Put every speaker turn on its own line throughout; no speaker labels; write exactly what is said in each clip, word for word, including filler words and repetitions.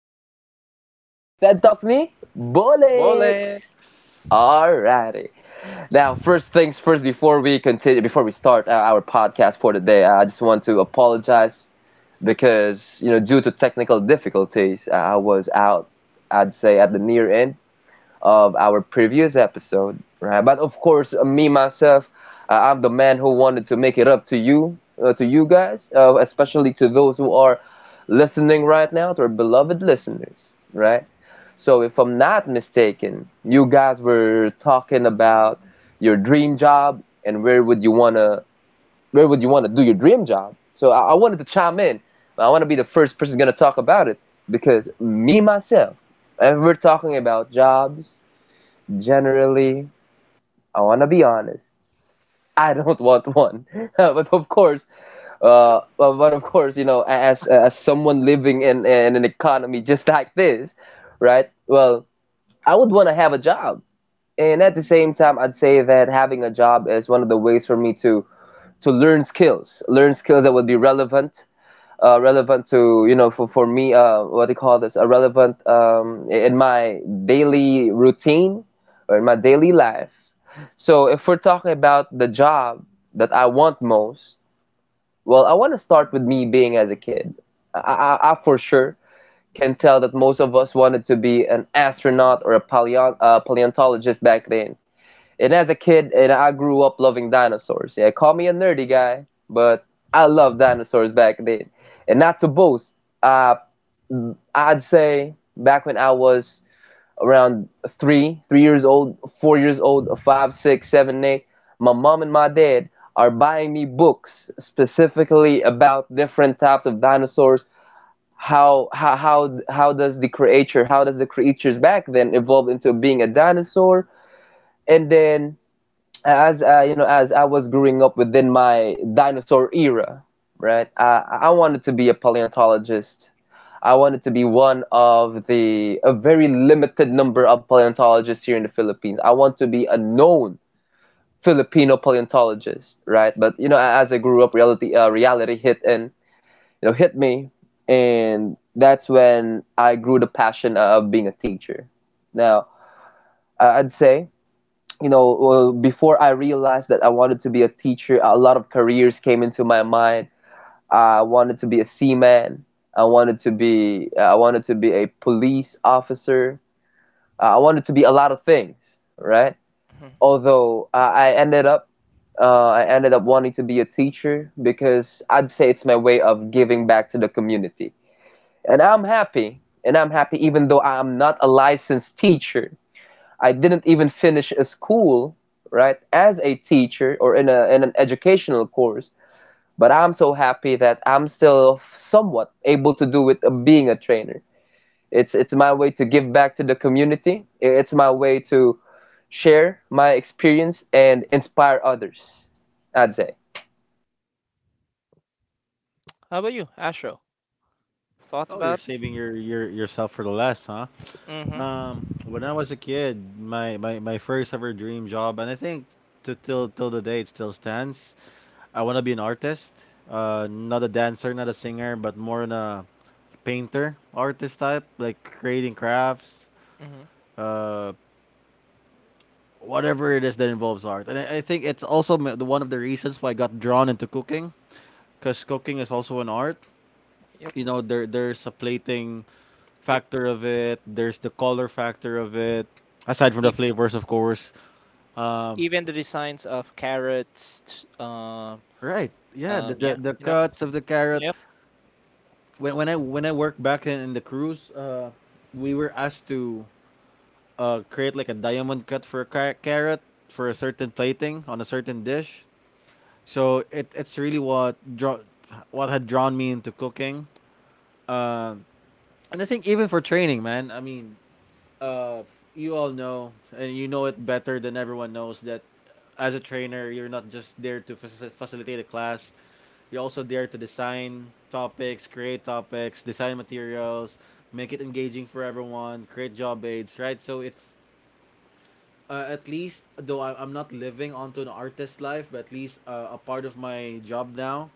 fifth episode of Ted Talk Me Bullocks.
Bollocks.
Alrighty. Now, first things first, before we continue, before we start uh, our podcast for the today. uh, I just want to apologize because you know due to technical difficulties, uh, I was out. I'd say at the near end of our previous episode, right? But of course, uh, me myself, uh, I'm the man who wanted to make it up to you, uh, to you guys, uh, especially to those who are listening right now, to our beloved listeners, right? So, if I'm not mistaken, you guys were talking about your dream job and where would you wanna, where would you wanna do your dream job? So, I, I wanted to chime in. I want to be the first person gonna talk about it because me myself, if we're talking about jobs, generally I want to be honest, I don't want one but of course uh but but of course, you know, as as someone living in, in an economy just like this, right? Well, I would want to have a job, and at the same time I'd say that having a job is one of the ways for me to to learn skills, learn skills that would be relevant, uh, relevant to, you know, for, for me, uh, what do you call this uh, relevant um, in my daily routine or in my daily life. So if we're talking about the job that I want most, well, I want to start with me being as a kid. I, I, I for sure can tell that most of us wanted to be an astronaut or a paleo- uh, paleontologist back then. And as a kid, and I grew up loving dinosaurs. Yeah, call me a nerdy guy, but I loved dinosaurs back then. And not to boast, uh, I'd say back when I was around three, three years old, four years old, five, six, seven, eight, my mom and my dad are buying me books specifically about different types of dinosaurs. How how how how does the creature how does the creatures back then evolve into being a dinosaur? And then as uh, you know, as I was growing up within my dinosaur era, right? I I wanted to be a paleontologist. I wanted to be one of the a very limited number of paleontologists here in the Philippines. I want to be a known Filipino paleontologist, right? But you know, as I grew up, reality uh, reality hit and, you know, hit me, and that's when I grew the passion of being a teacher. Now, I- would say, you know, well, before I realized that I wanted to be a teacher, a lot of careers came into my mind. I wanted to be a seaman. I wanted to be uh, I wanted to be a police officer. Uh, I wanted to be a lot of things, right?
Mhm.
Although I, I ended up uh, I ended up wanting to be a teacher because I'd say it's my way of giving back to the community. And I'm happy. And I'm happy even though I'm not a licensed teacher. I didn't even finish a school, right, as a teacher or in, a, in an educational course, but I'm so happy that I'm still somewhat able to do with uh, being a trainer. It's it's my way to give back to the community. It's my way to share my experience and inspire others, I'd say.
How about you, Ashro? Thoughts
Oh,
about?
you're saving your, your yourself for the last, huh?
Mm-hmm.
Um, when I was a kid, my, my, my first ever dream job, and I think to till till the day it still stands. I want to be an artist, uh, not a dancer, not a singer, but more in a painter, artist type, like creating crafts,
Mm-hmm.
uh, whatever it is that involves art. And I, I think it's also m- the- one of the reasons why I got drawn into cooking, because cooking is also an art.
Yep.
You know, there there's a plating
Yep.
factor of it. There's the color factor of it aside from
E-
the flavors, of course. um
even the designs of carrots. t- Um.
right, yeah,
Um.
the the,
Yeah.
the
You know.
cuts of the carrot.
Yep.
When, when i when i worked back in, in the cruise, uh we were asked to uh create like a diamond cut for a car- carrot for a certain plating on a certain dish. So it it's really what draw, what had drawn me into cooking. uh and I think even for training, man, I mean, uh, you all know, and you know it better than everyone knows that as a trainer, you're not just there to faci- facilitate a class. You're also there to design topics, create topics, design materials, make it engaging for everyone, create job aids, right? So it's, uh, at least though I, I'm not living onto an artist life, but at least, uh, a part of my job now,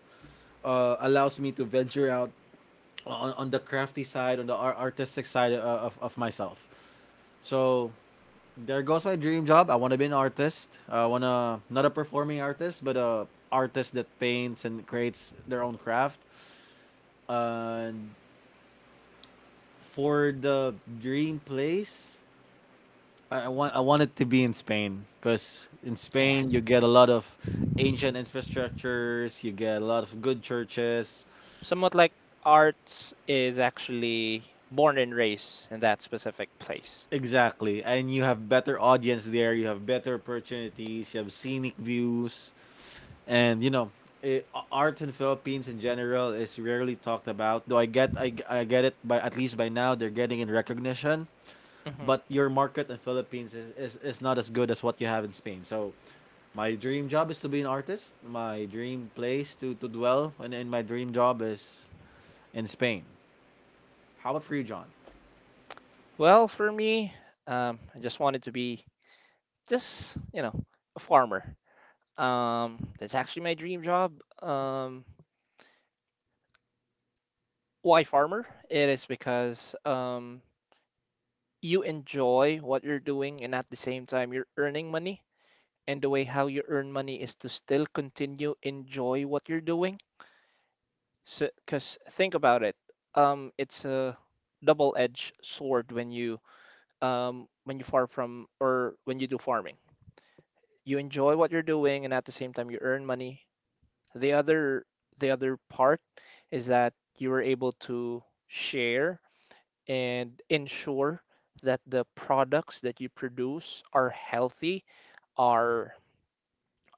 uh, allows me to venture out on, on the crafty side, on the ar- artistic side, uh, of, of myself. So there goes my dream job. I want to be an artist. I want to, not a performing artist, but a artist that paints and creates their own craft. And for the dream place, I I want I want it to be in Spain, because in
Yeah.
Spain you get a lot of ancient infrastructures, you get a lot of good churches.
Somewhat like arts is actually born and raised in that specific place.
Exactly. And you have better audience there, you have better opportunities, you have scenic views. And you know it, art in Philippines in general is rarely talked about, though i get I, g- I get it. By at least by now they're getting in recognition,
Hmm.
but your market in Philippines is, is, is not as good as what you have in Spain. So my dream job is to be an artist, my dream place to, to dwell, and, and my dream job is in Spain. How about for you, John?
Well, for me, um, I just wanted to be just you know a farmer. Um, that's actually my dream job. Um, why farmer? It is because um, you enjoy what you're doing, and at the same time you're earning money, and the way how you earn money is to still continue enjoy what you're doing. So because think about it, um it's a double-edged sword when you um when you farm from, or when you do farming, you enjoy what you're doing and at the same time you earn money. The other the other part is that you are able to share and ensure that the products that you produce are healthy, are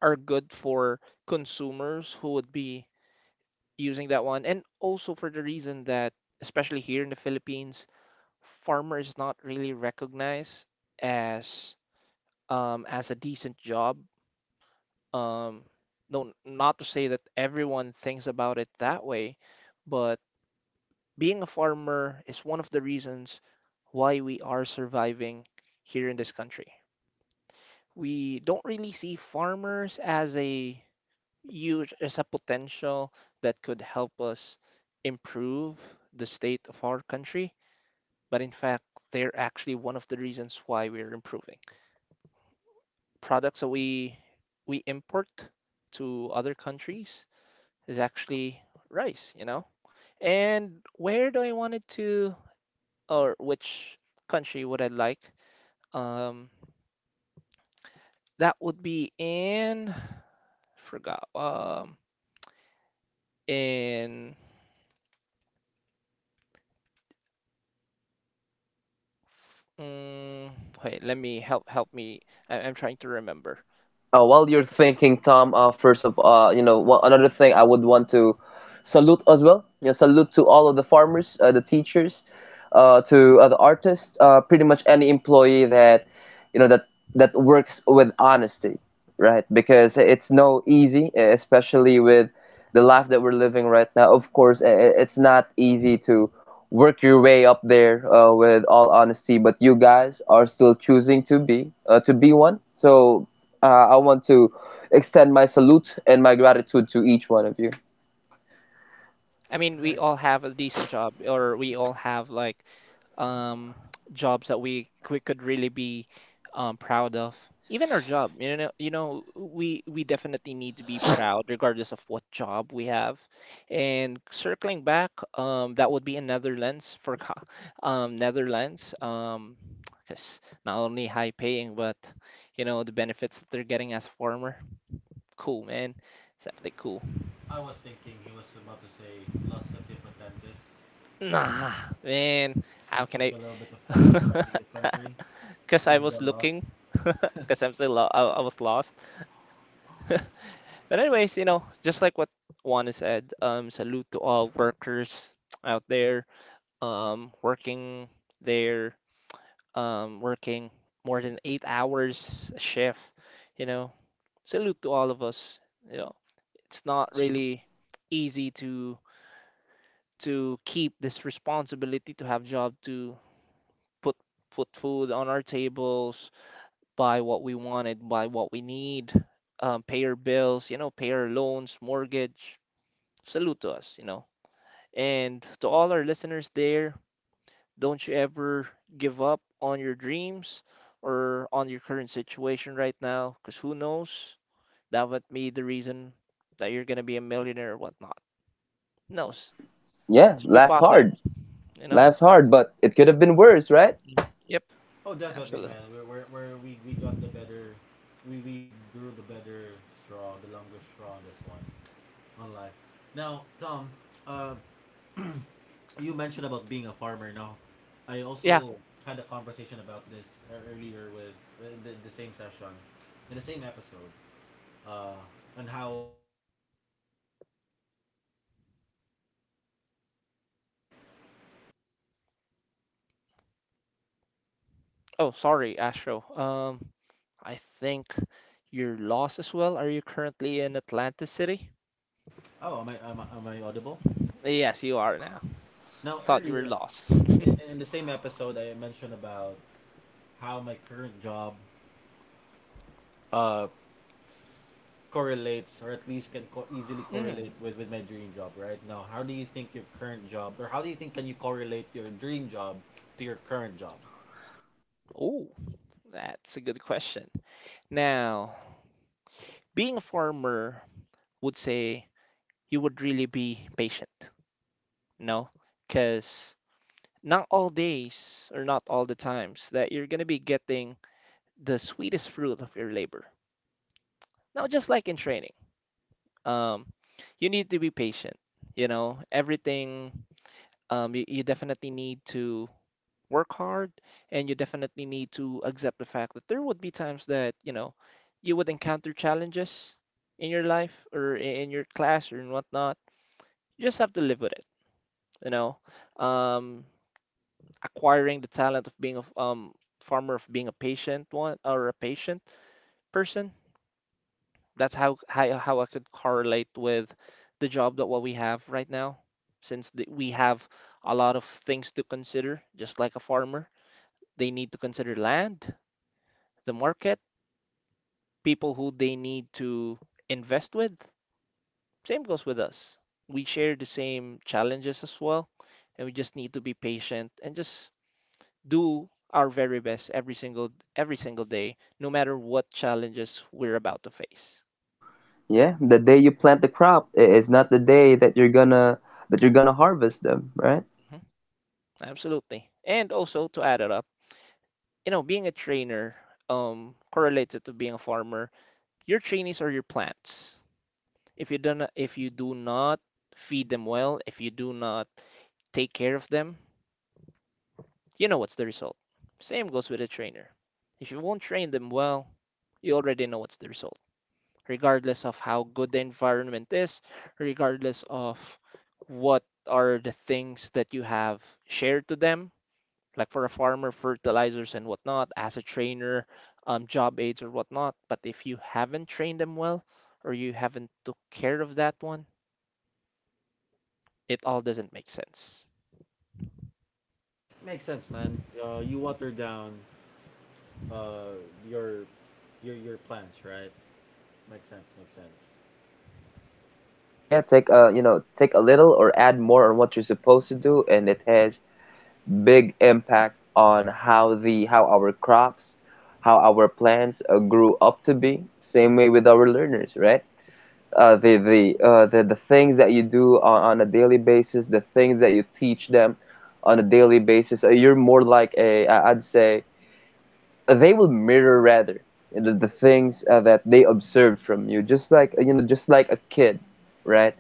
are good for consumers who would be using that one. And also for the reason that, especially here in the Philippines, farmer is not really recognized as um, as a decent job. Um, no, not to say that everyone thinks about it that way, but being a farmer is one of the reasons why we are surviving here in this country. We don't really see farmers as a huge, as a potential that could help us improve the state of our country. But in fact, they're actually one of the reasons why we're improving. Products that we we import to other countries is actually rice, you know? And where do I want it to, or which country would I like? Um, that would be in, forgot, um, in mm, wait, let me help help me. I, I'm trying to remember.
Uh, while you're thinking, Tom, uh, first of uh, you know, one, another thing I would want to salute as well. You know, salute to all of the farmers, uh, the teachers, uh, to uh, the artists, uh, pretty much any employee that, you know, that that works with honesty, right? Because it's no easy, uh, especially with the life that we're living right now. Of course, i- i- it's not easy to work your way up there uh, with all honesty, but you guys are still choosing to be uh, to be one. So uh, I want to extend my salute and my gratitude to each one of you.
I mean, we
Right.
all have a decent job, or we all have like um jobs that we we could really be um proud of. Even our job, you know, you know, we we definitely need to be proud regardless of what job we have. And circling back, um, that would be in Netherlands for co- um Netherlands, um, 'cause not only high paying, but you know, the benefits that they're getting as farmer. Cool, man. Exactly cool.
I was thinking he was about to say lost at the Atlantis.
Nah, man.
He
How can
took
I?
a little bit of time finding the country.
Because I
Think
was
got lost.
looking. Because I'm still lo I, I was lost. But anyways, you know, just like what Juana said, um, salute to all workers out there, um, working there, um, working more than eight hours a shift. You know, salute to all of us. You know, it's not
S-
really easy to to keep this responsibility to have job to put put food on our tables, buy what we wanted, buy what we need, um, pay our bills, you know, pay our loans, mortgage. Salute to us, you know. And to all our listeners there, don't you ever give up on your dreams or on your current situation right now, because who knows? That would be the reason that you're gonna be a millionaire or whatnot. Who knows?
yeah,
Just be
life's
positive,
hard.
you know?
Life's hard but it could have been worse, right?
Mm. Yep,
Oh, definitely,
absolutely.
man. Where where where we we got the better, we we drew the better straw, the longest straw on this one, on life. Now, Tom, uh, you mentioned about being a farmer. Now, I
Yeah.
also had a conversation about this ear- earlier with, uh, the, the same session, in the same episode, uh, on how my current job relates to my dream work. Now, how do you think your current job relates to your dream work?
Oh, sorry, Astro. Um, I think you're lost as well. Are you currently in Atlanta City?
Oh, am I am I, am I audible?
Yes, you are now.
Now,
Thought you were
earlier
lost.
in, in the same episode, I mentioned about how my current job, Uh, correlates or at least can co- easily
Mm.
correlate with, with my dream job. Right now, how do you think your current job, or how do you think, can you correlate your dream job to your current job?
Oh, that's a good question. Now, being a farmer would say you would really be patient, no? Because not all days or not all the times that you're gonna be getting the sweetest fruit of your labor. Now, just like in training, um, you need to be patient. You know, everything, um, you, you definitely need to work hard, and you definitely need to accept the fact that there would be times that, you know, you would encounter challenges in your life, or i- in your class, or in whatnot. You just have to live with it, you know. Um, acquiring the talent of being a f- um, farmer, of being a patient one or a patient person. That's how, how how I could correlate with the job that what we have right now, since the, we have a lot of things to consider, just like a farmer. They need to consider land, the market, people who they need to invest with. Same goes with us. We share the same challenges as well, and we just need to be patient and just do our very best every single every single day, no matter what challenges we're about to face.
Yeah, the day you plant the crop i- is not the day that you're gonna that you're gonna harvest them, right?
Mhm. Absolutely. And also to add it up, you know, being a trainer um correlates it to being a farmer. Your trainees are your plants. If you don't if you do not feed them well, if you do not take care of them, you know what's the result. Same goes with a trainer. If you won't train them well, you already know what's the result, regardless of how good the environment is, regardless of what are the things that you have shared to them, like for a farmer, fertilizers and whatnot, as a trainer, um, job aids or whatnot. But if you haven't trained them well, or you haven't took care of that one, it all doesn't make sense.
Makes sense, man. Uh, you water down, uh, your your your plans, right? Makes sense, makes sense.
Yeah, take, a you know, take a little or add more on what you're supposed to do, and it has big impact on how the how our crops, how our plants uh, grew up to be. Same way with our learners, right? Uh, the the uh, the the things that you do on, on a daily basis, the things that you teach them on a daily basis, uh, you're more like a I- I'd say uh, they will mirror, rather, you know, the things uh, that they observed from you, just like, you know, just like a kid, right?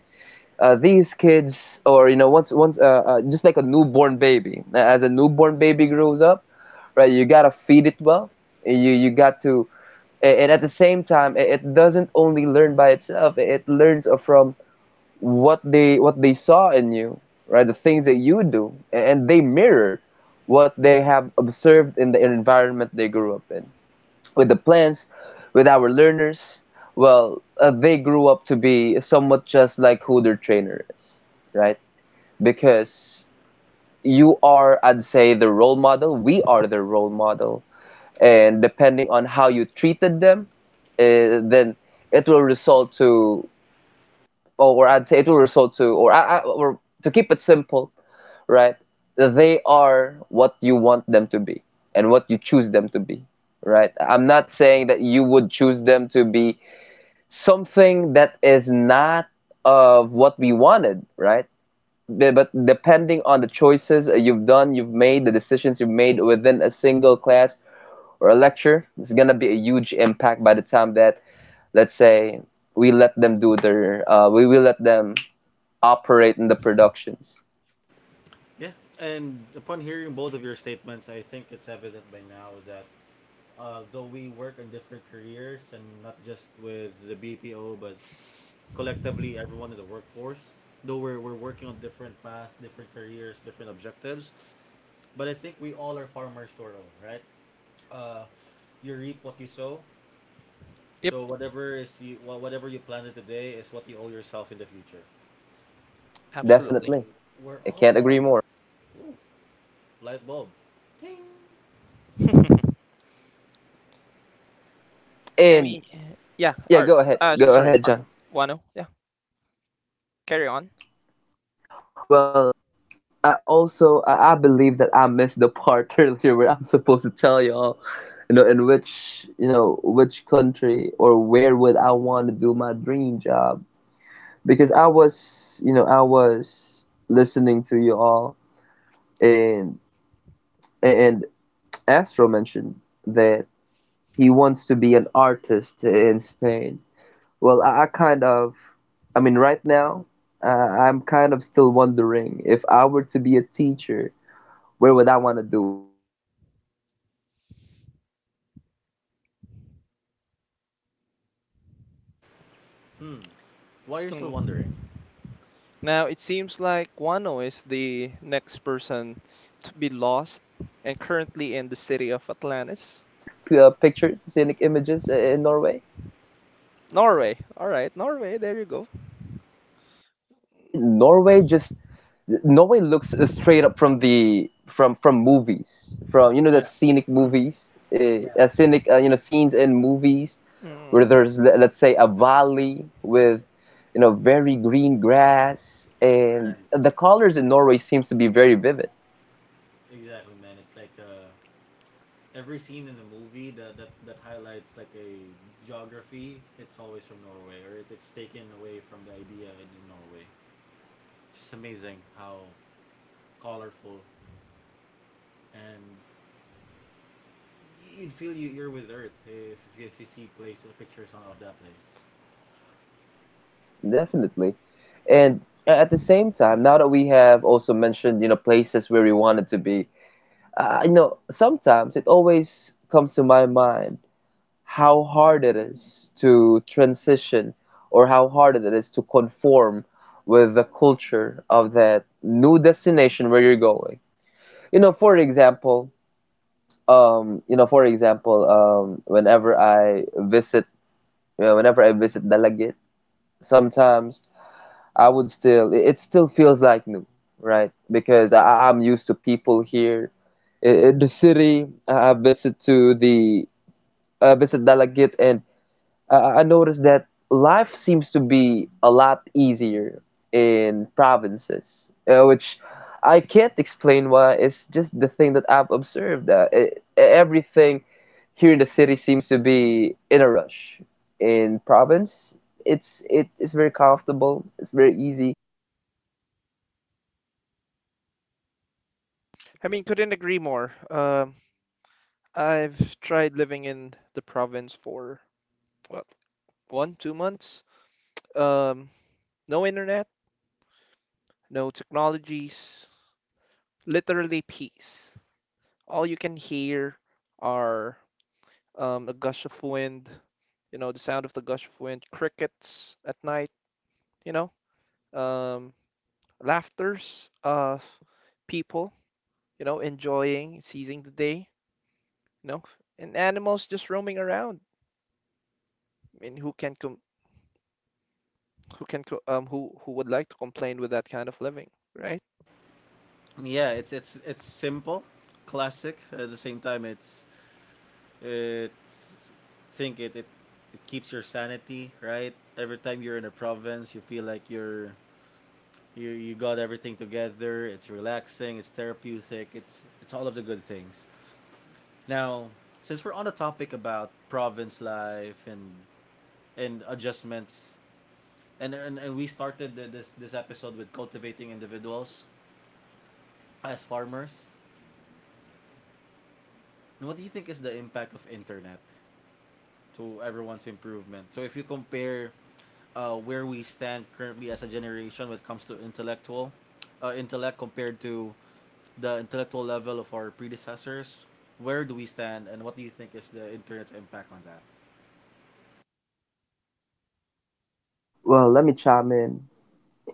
uh, These kids, or you know, once once uh, uh, just like a newborn baby, as a newborn baby grows up, right? You gotta feed it well. You you got to, and at the same time, it doesn't only learn by itself. It learns from what they what they saw in you, right? The things that you do, and they mirror what they have observed in the environment they grew up in. With the plants, with our learners, well, uh, they grew up to be somewhat just like who their trainer is, right? Because you are, I'd say, the role model. We are the role model, and depending on how you treated them, uh, then it will result to, or I'd say it will result to or, I, or to keep it simple, right, they are what you want them to be and what you choose them to be, right? I'm not saying that you would choose them to be something that is not of what we wanted, right? Be- but depending on the choices you've done you've made, the decisions you've made within a single class or a lecture, it's gonna be a huge impact by the time that, let's say, we let them do their uh, we will let them operate in the productions.
Yeah, and upon hearing both of your statements, I think it's evident by now that, uh, though we work on different careers and not just with the B P O but collectively everyone in the workforce. Though we're, we're working on different paths, different careers, different objectives, but I think we all are farmers to our own, right? Uh, you reap what you sow.
Yep,
So whatever is you wha- whatever you planted today is what you owe yourself in the future. So
absolutely.
Definitely.
we're
I
all
can't agree more.
farmers. Ooh, light bulb. Ting.
I
And
mean, yeah,
yeah,
art.
go ahead
Uh, so
go
sorry,
ahead,
art.
John.
Wano, yeah, carry on.
Well, i also i I believe that I missed the part earlier where I'm supposed to tell y'all, you know, in which you know which country or where would I want to do my dream job, because i was you know i was listening to you all, and and Astro mentioned that he wants to be an artist in Spain. Well, I, I kind of, I mean, right now, uh, I'm kind of still wondering if I were to be a teacher, where would I want to do it? But actually, actually, my partner wants us to be in
Hmm.
Norway.
Why you're
We
still
want to
wondering?
Hmm.
be, you know, we want to be, we want to
Now it
live,
seems like
we want to
Wano is
live uh,
the
someday
next person
want to
to
stay the
be
rest of our
lost
lives
and
in
currently in
Norway.
the
Uh,
city of
have you seen the
Atlantis.
scenic uh, pictures, scenic images in Norway?
Norway. All right, Norway, there you go.
Yeah, Norway just Norway looks uh, straight up from the from from movies, from, you know, the
Yeah.
scenic movies, uh,
Yeah.
uh, scenic uh, you know, scenes in movies where
Mm.
there's le- let's say a valley with, you know, very green grass, and
Right.
the colors in Norway seems to be very vivid.
Exactly, man. It's like, uh every scene in the movie that that, that highlights like a geography, it's always from Norway, or it, it's taken away from the idea in, in Norway. It's just amazing how colorful, and you'd feel you, you're with Earth if, if, you, if you see place pictures of that place.
Definitely. And at the same time, now that we have also mentioned, you know, places where we wanted to be, uh, you know, sometimes it always comes to my mind how hard it is to transition or how hard it is to conform with the culture of that new destination where you're going. You know, for example, um, you know, for example, um, whenever I visit, you whenever I visit Dalagit, sometimes I would still, it it still feels like new, right? Because I, I'm used to people here. I- in the city, I I visit to the, I visit Dalagit, and I, I I noticed that life seems to be a lot easier in provinces, uh, which I can't explain why. It's just the thing that I've observed. Uh, e- e, everything here in the city seems to be in a rush. In province, it's it, it's very comfortable. It's very easy.
I mean, couldn't agree more. Um, I've tried living in the province for what, one, two months. Um, no internet, no technologies, literally peace. All you can hear are um, a gush of wind, you know, the sound of the gush of wind, crickets at night, you know, um, laughters of people, you know, enjoying, seizing the day, you know, and animals just roaming around. I mean, who can com who can co um who who would like to complain with that kind of living, right?
Yeah, it's it's it's simple, classic. At the same time, it's it's think it it, it keeps your sanity, right? Every time you're in a province, you feel like you're, You you got everything together. It's relaxing. It's therapeutic. It's it's all of the good things. Now, since we're on the topic about province life and and adjustments, and and, and we started the, this this episode with cultivating individuals as farmers. And what do you think is the impact of internet to everyone's improvement? So if you compare, uh, where we stand currently as a generation when it comes to intellectual, uh, intellect compared to the intellectual level of our predecessors, where do we stand, and what do you think is the internet's impact on that?
Well, let me chime in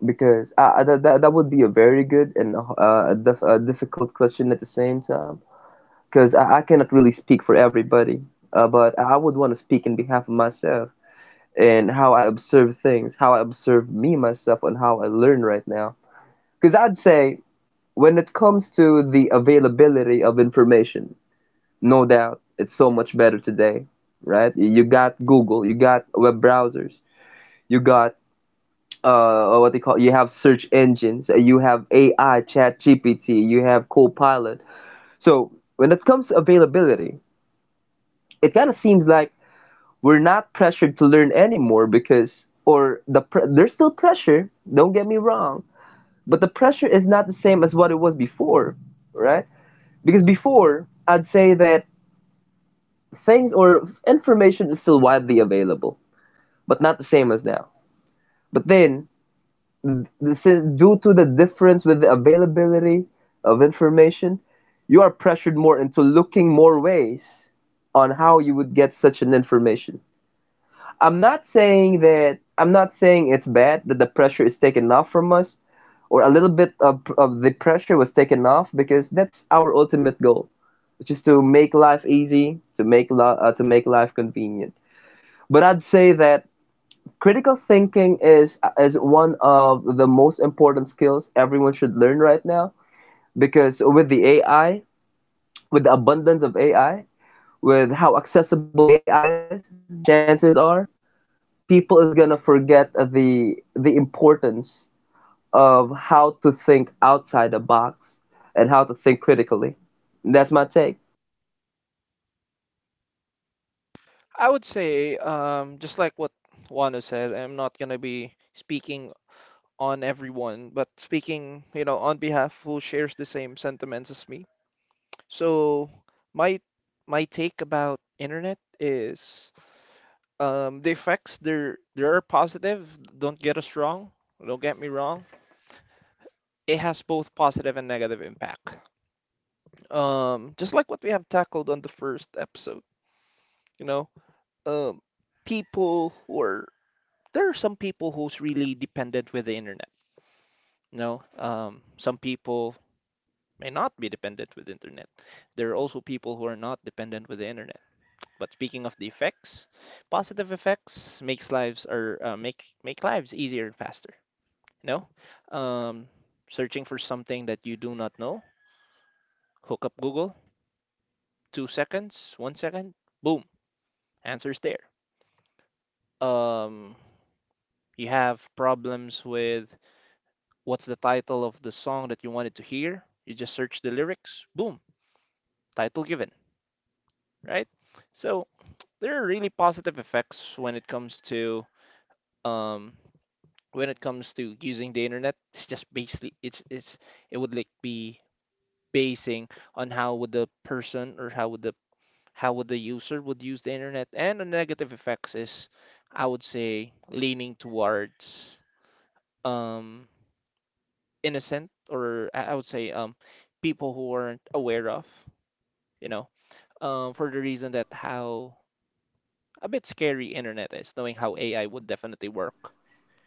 because uh, uh, that, that that would be a very good and uh, a, dif- a difficult question at the same time, because I, I cannot really speak for everybody, uh, but I would want to speak in behalf of myself and how I observe things, how I observe me myself, and how I learn right now. Because I'd say when it comes to the availability of information, no doubt it's so much better today, right? You got Google, you got web browsers, you got uh what they call you have search engines, uh, you have A I, Chat G P T, you have Copilot. So when it comes to availability, it kind of seems like we're not pressured to learn anymore because— or the pre- there's still pressure, don't get me wrong, but the pressure is not the same as what it was before, right? Because before, I'd say that things or information is still widely available, but not the same as now. But then, sin- due to the difference with the availability of information, you are pressured more into looking more ways on how you would get such an information. I'm not saying that I'm not saying it's bad that the pressure is taken off from us, or a little bit of, of the pressure was taken off, because that's our ultimate goal, which is to make life easy, to make li- uh, to make life convenient. But I'd say that critical thinking is is one of the most important skills everyone should learn right now, because with the A I, with the abundance of A I, with how accessible A I is, chances are people is gonna forget the the importance of how to think outside the box and how to think critically. That's my take.
I would say, um, just like what Juana said, I'm not gonna be speaking on everyone, but speaking, you know, on behalf who shares the same sentiments as me. So my my take about internet is um, the effects there there are positive. Don't get us wrong. Don't get me wrong. It has both positive and negative impact. Um, just like what we have tackled on the first episode, you know, um, people who are there are some people who's really dependent with the internet. You know, um, some people may not be dependent with internet. There are also people who are not dependent with the internet. But speaking of the effects, positive effects makes lives or uh, make make lives easier and faster. No, um, searching for something that you do not know, hook up Google, two seconds, one second, boom, answers there. Um, you have problems with what's the title of the song that you wanted to hear, you just search the lyrics, boom, title given, right? So there are really positive effects when it comes to um, when it comes to using the internet. It's just basically it's it's it would like be basing on how would the person, or how would the how would the user would use the internet. And the negative effects is I would say leaning towards um innocent, or I I would say um people who aren't aware of, you know, um for the reason that how a bit scary internet is, knowing how A I would definitely work.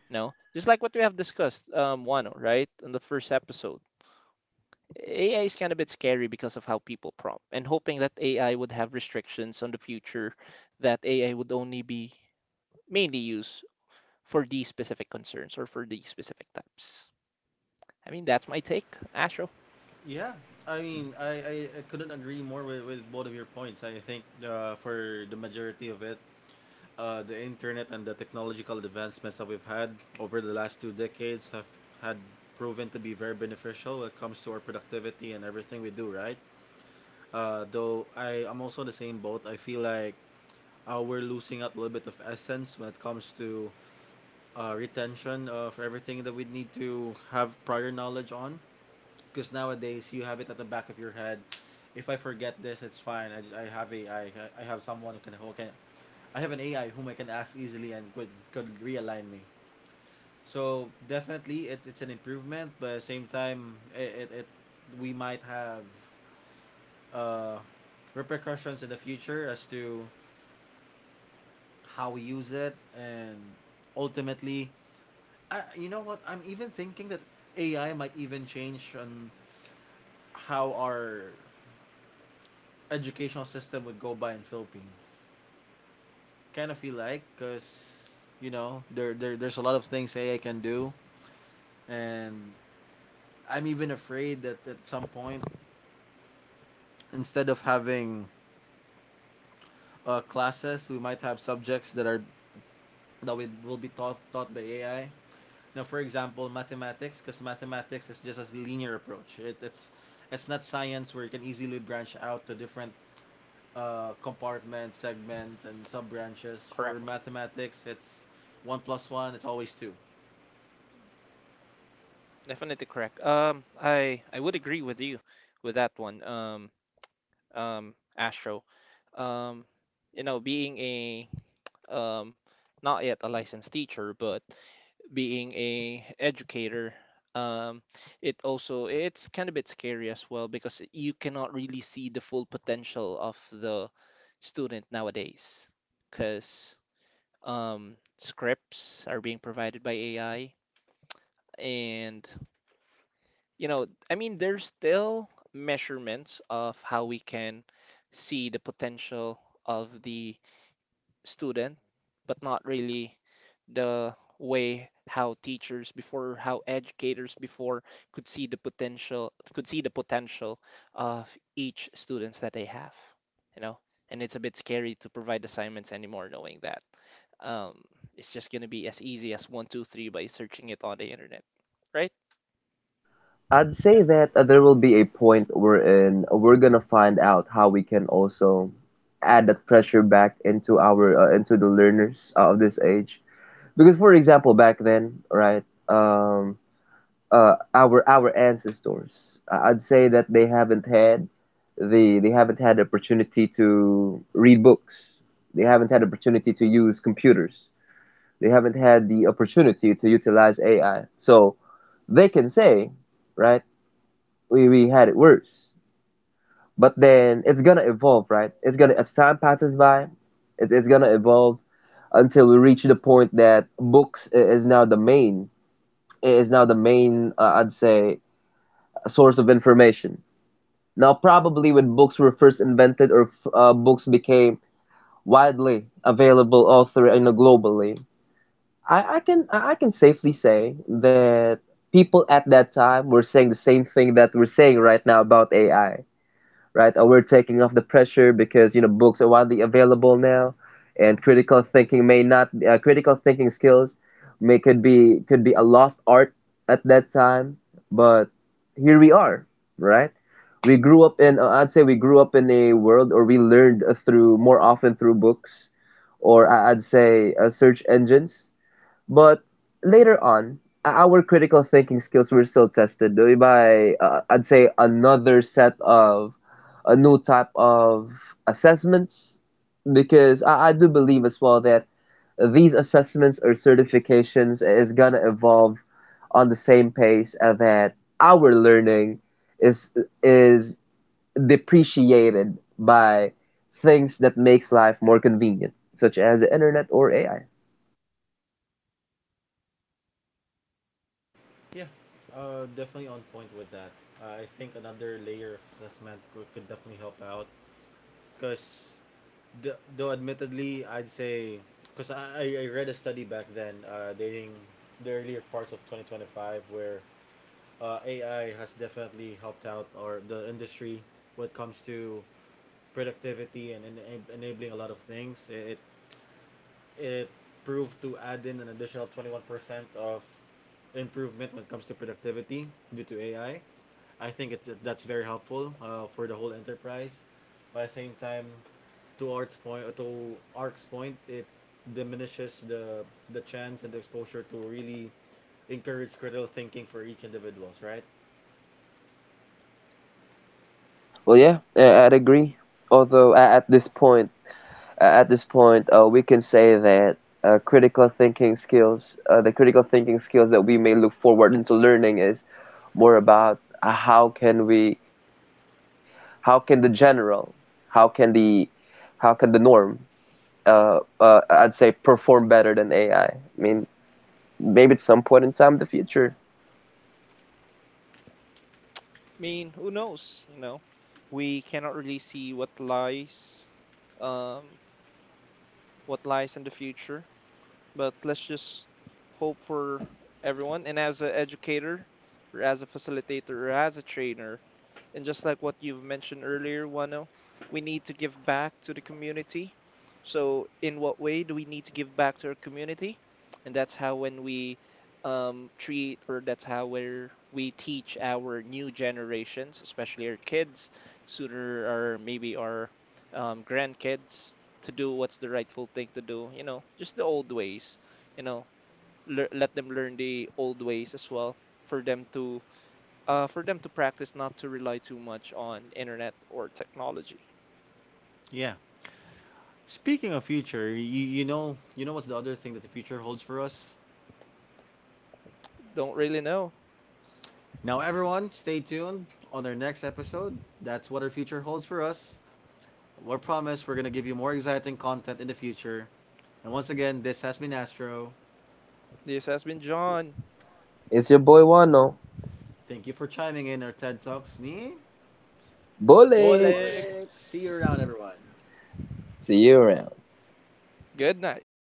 You know, just like what we have discussed, um Wano, right, in the first episode, A I is kind of a bit scary because of how people prompt, and hoping that A I would have restrictions on the future, that A I would only be mainly used for these specific concerns or for these specific types. I mean, that's my take, Astro.
Yeah, I mean, I, I, I couldn't agree more with, with both of your points. I think, uh, for the majority of it, uh, the internet and the technological advancements that we've had over the last two decades have had proven to be very beneficial when it comes to our productivity and everything we do, right? Uh, though I, I'm also in the same boat. I feel like, uh, we're losing out a little bit of essence when it comes to, uh, retention of everything that we need to have prior knowledge on, because nowadays you have it at the back of your head. If I forget this, it's fine. I, just, I have a I, I have someone who can who can, I have an A I whom I can ask easily and could could realign me. So definitely it, it's an improvement, but at the same time it, it, it we might have, uh, repercussions in the future as to how we use it. And ultimately, I, you know what, I'm even thinking that A I might even change on how our educational system would go by in Philippines. Kind of feel like, cause you know there, there there's a lot of things A I can do, and I'm even afraid that at some point, instead of having, uh, classes, we might have subjects that are, that we will be taught taught by A I. Now, for example, mathematics, because mathematics is just a linear approach. It, it's it's not science where you can easily branch out to different, uh, compartments, segments, and sub branches. For
Correct.
mathematics, it's one plus one. It's always two.
Definitely correct. Um, I I would agree with you with that one. Um, um, Astro. Um, you know, being a um, not yet a licensed teacher, but being a educator, um it also it's kind of a bit scary as well, because you cannot really see the full potential of the student nowadays, because um scripts are being provided by A I. And you know, I mean, there's still measurements of how we can see the potential of the student, but not really the way how teachers before, how educators before could see the potential, could see the potential of each students that they have, you know? And it's a bit scary to provide assignments anymore knowing that. Um, it's just gonna be as easy as one, two, three by searching it on the internet, right?
I'd say
Yeah.
that uh, there will be a point wherein we're gonna find out how we can also add that pressure back into our uh, into the learners uh, of this age. Because, for example, back then, right, um, uh, our our ancestors, uh, I'd say that they haven't had the they haven't had the opportunity to read books. They haven't had opportunity to use computers. They haven't had the opportunity to utilize A I. So they can say, right, we, we had it worse. But then it's gonna evolve, right? It's gonna— as time passes by, it's, it's gonna evolve until we reach the point that books is now the main— is now the main, uh, I'd say, source of information. Now, probably when books were first invented, or uh, books became widely available all through, you know, globally, I, I can— I can safely say that people at that time were saying the same thing that we're saying right now about A I, right? Or we're taking off the pressure because, you know, books are widely available now, and critical thinking may not— uh, critical thinking skills may— could be— could be a lost art at that time, but here we are, right? We grew up in— uh, I'd say we grew up in a world, or we learned uh, through— more often through books, or I- I'd say uh, search engines, but later on, our critical thinking skills were still tested by, uh, I'd say, another set of— a new type of assessments, because I, I do believe as well that these assessments or certifications is gonna evolve on the same pace uh, that our learning is is depreciated by things that makes life more convenient, such as the internet or A I.
Yeah. Uh, definitely on point with that. Uh, I think another layer of assessment could, could definitely help out, because, though admittedly, I'd say, because I, I read a study back then, uh, dating the earlier parts of twenty twenty-five, where, uh, A I has definitely helped out or the industry when it comes to productivity and ena- enabling a lot of things. It it proved to add in an additional twenty one percent of improvement when it comes to productivity due to A I. I I think it's, that's very helpful, uh, for the whole enterprise. But at the same time, to Art's point, to Ark's point, it diminishes the the chance and the exposure to really encourage critical thinking for each individuals, right?
Well, yeah, I- would agree. Although at this point— Uh, at this point, uh, we can say that uh, critical thinking skills, uh, the critical thinking skills that we may look forward into learning is more about uh, how can we, how can the general, how can the, how can the norm, uh, uh, I'd say, perform better than A I. I I mean, maybe at some point in time in the future.
I mean, who knows, you know? We cannot really see what lies, um, what lies in the future. But let's just hope for everyone. And as an educator, or as a facilitator, or as a trainer, and just like what you've mentioned earlier, Wano, we need to give back to the community. So, in what way do we need to give back to our community? And that's how when we um, treat, or that's how where we teach our new generations, especially our kids, sooner or maybe our um, grandkids to do what's the rightful thing to do. You know, just the old ways. You know, lear let them learn the old ways as well, for them to uh, for them to practice not to rely too much on internet or technology.
Yeah. Speaking of future, you, you know, you know what's the other thing that the future holds for us?
Don't really know.
Now, everyone, stay tuned on our next episode. That's what our future holds for us. We promise we're going to give you more exciting content in the future. And once again, this has been Astro.
This has been John
It's your boy Wano.
Thank you for chiming in our TED Talks. Ni?
Bullocks!
See you
Bolex.
around, everyone.
See you around.
Good night.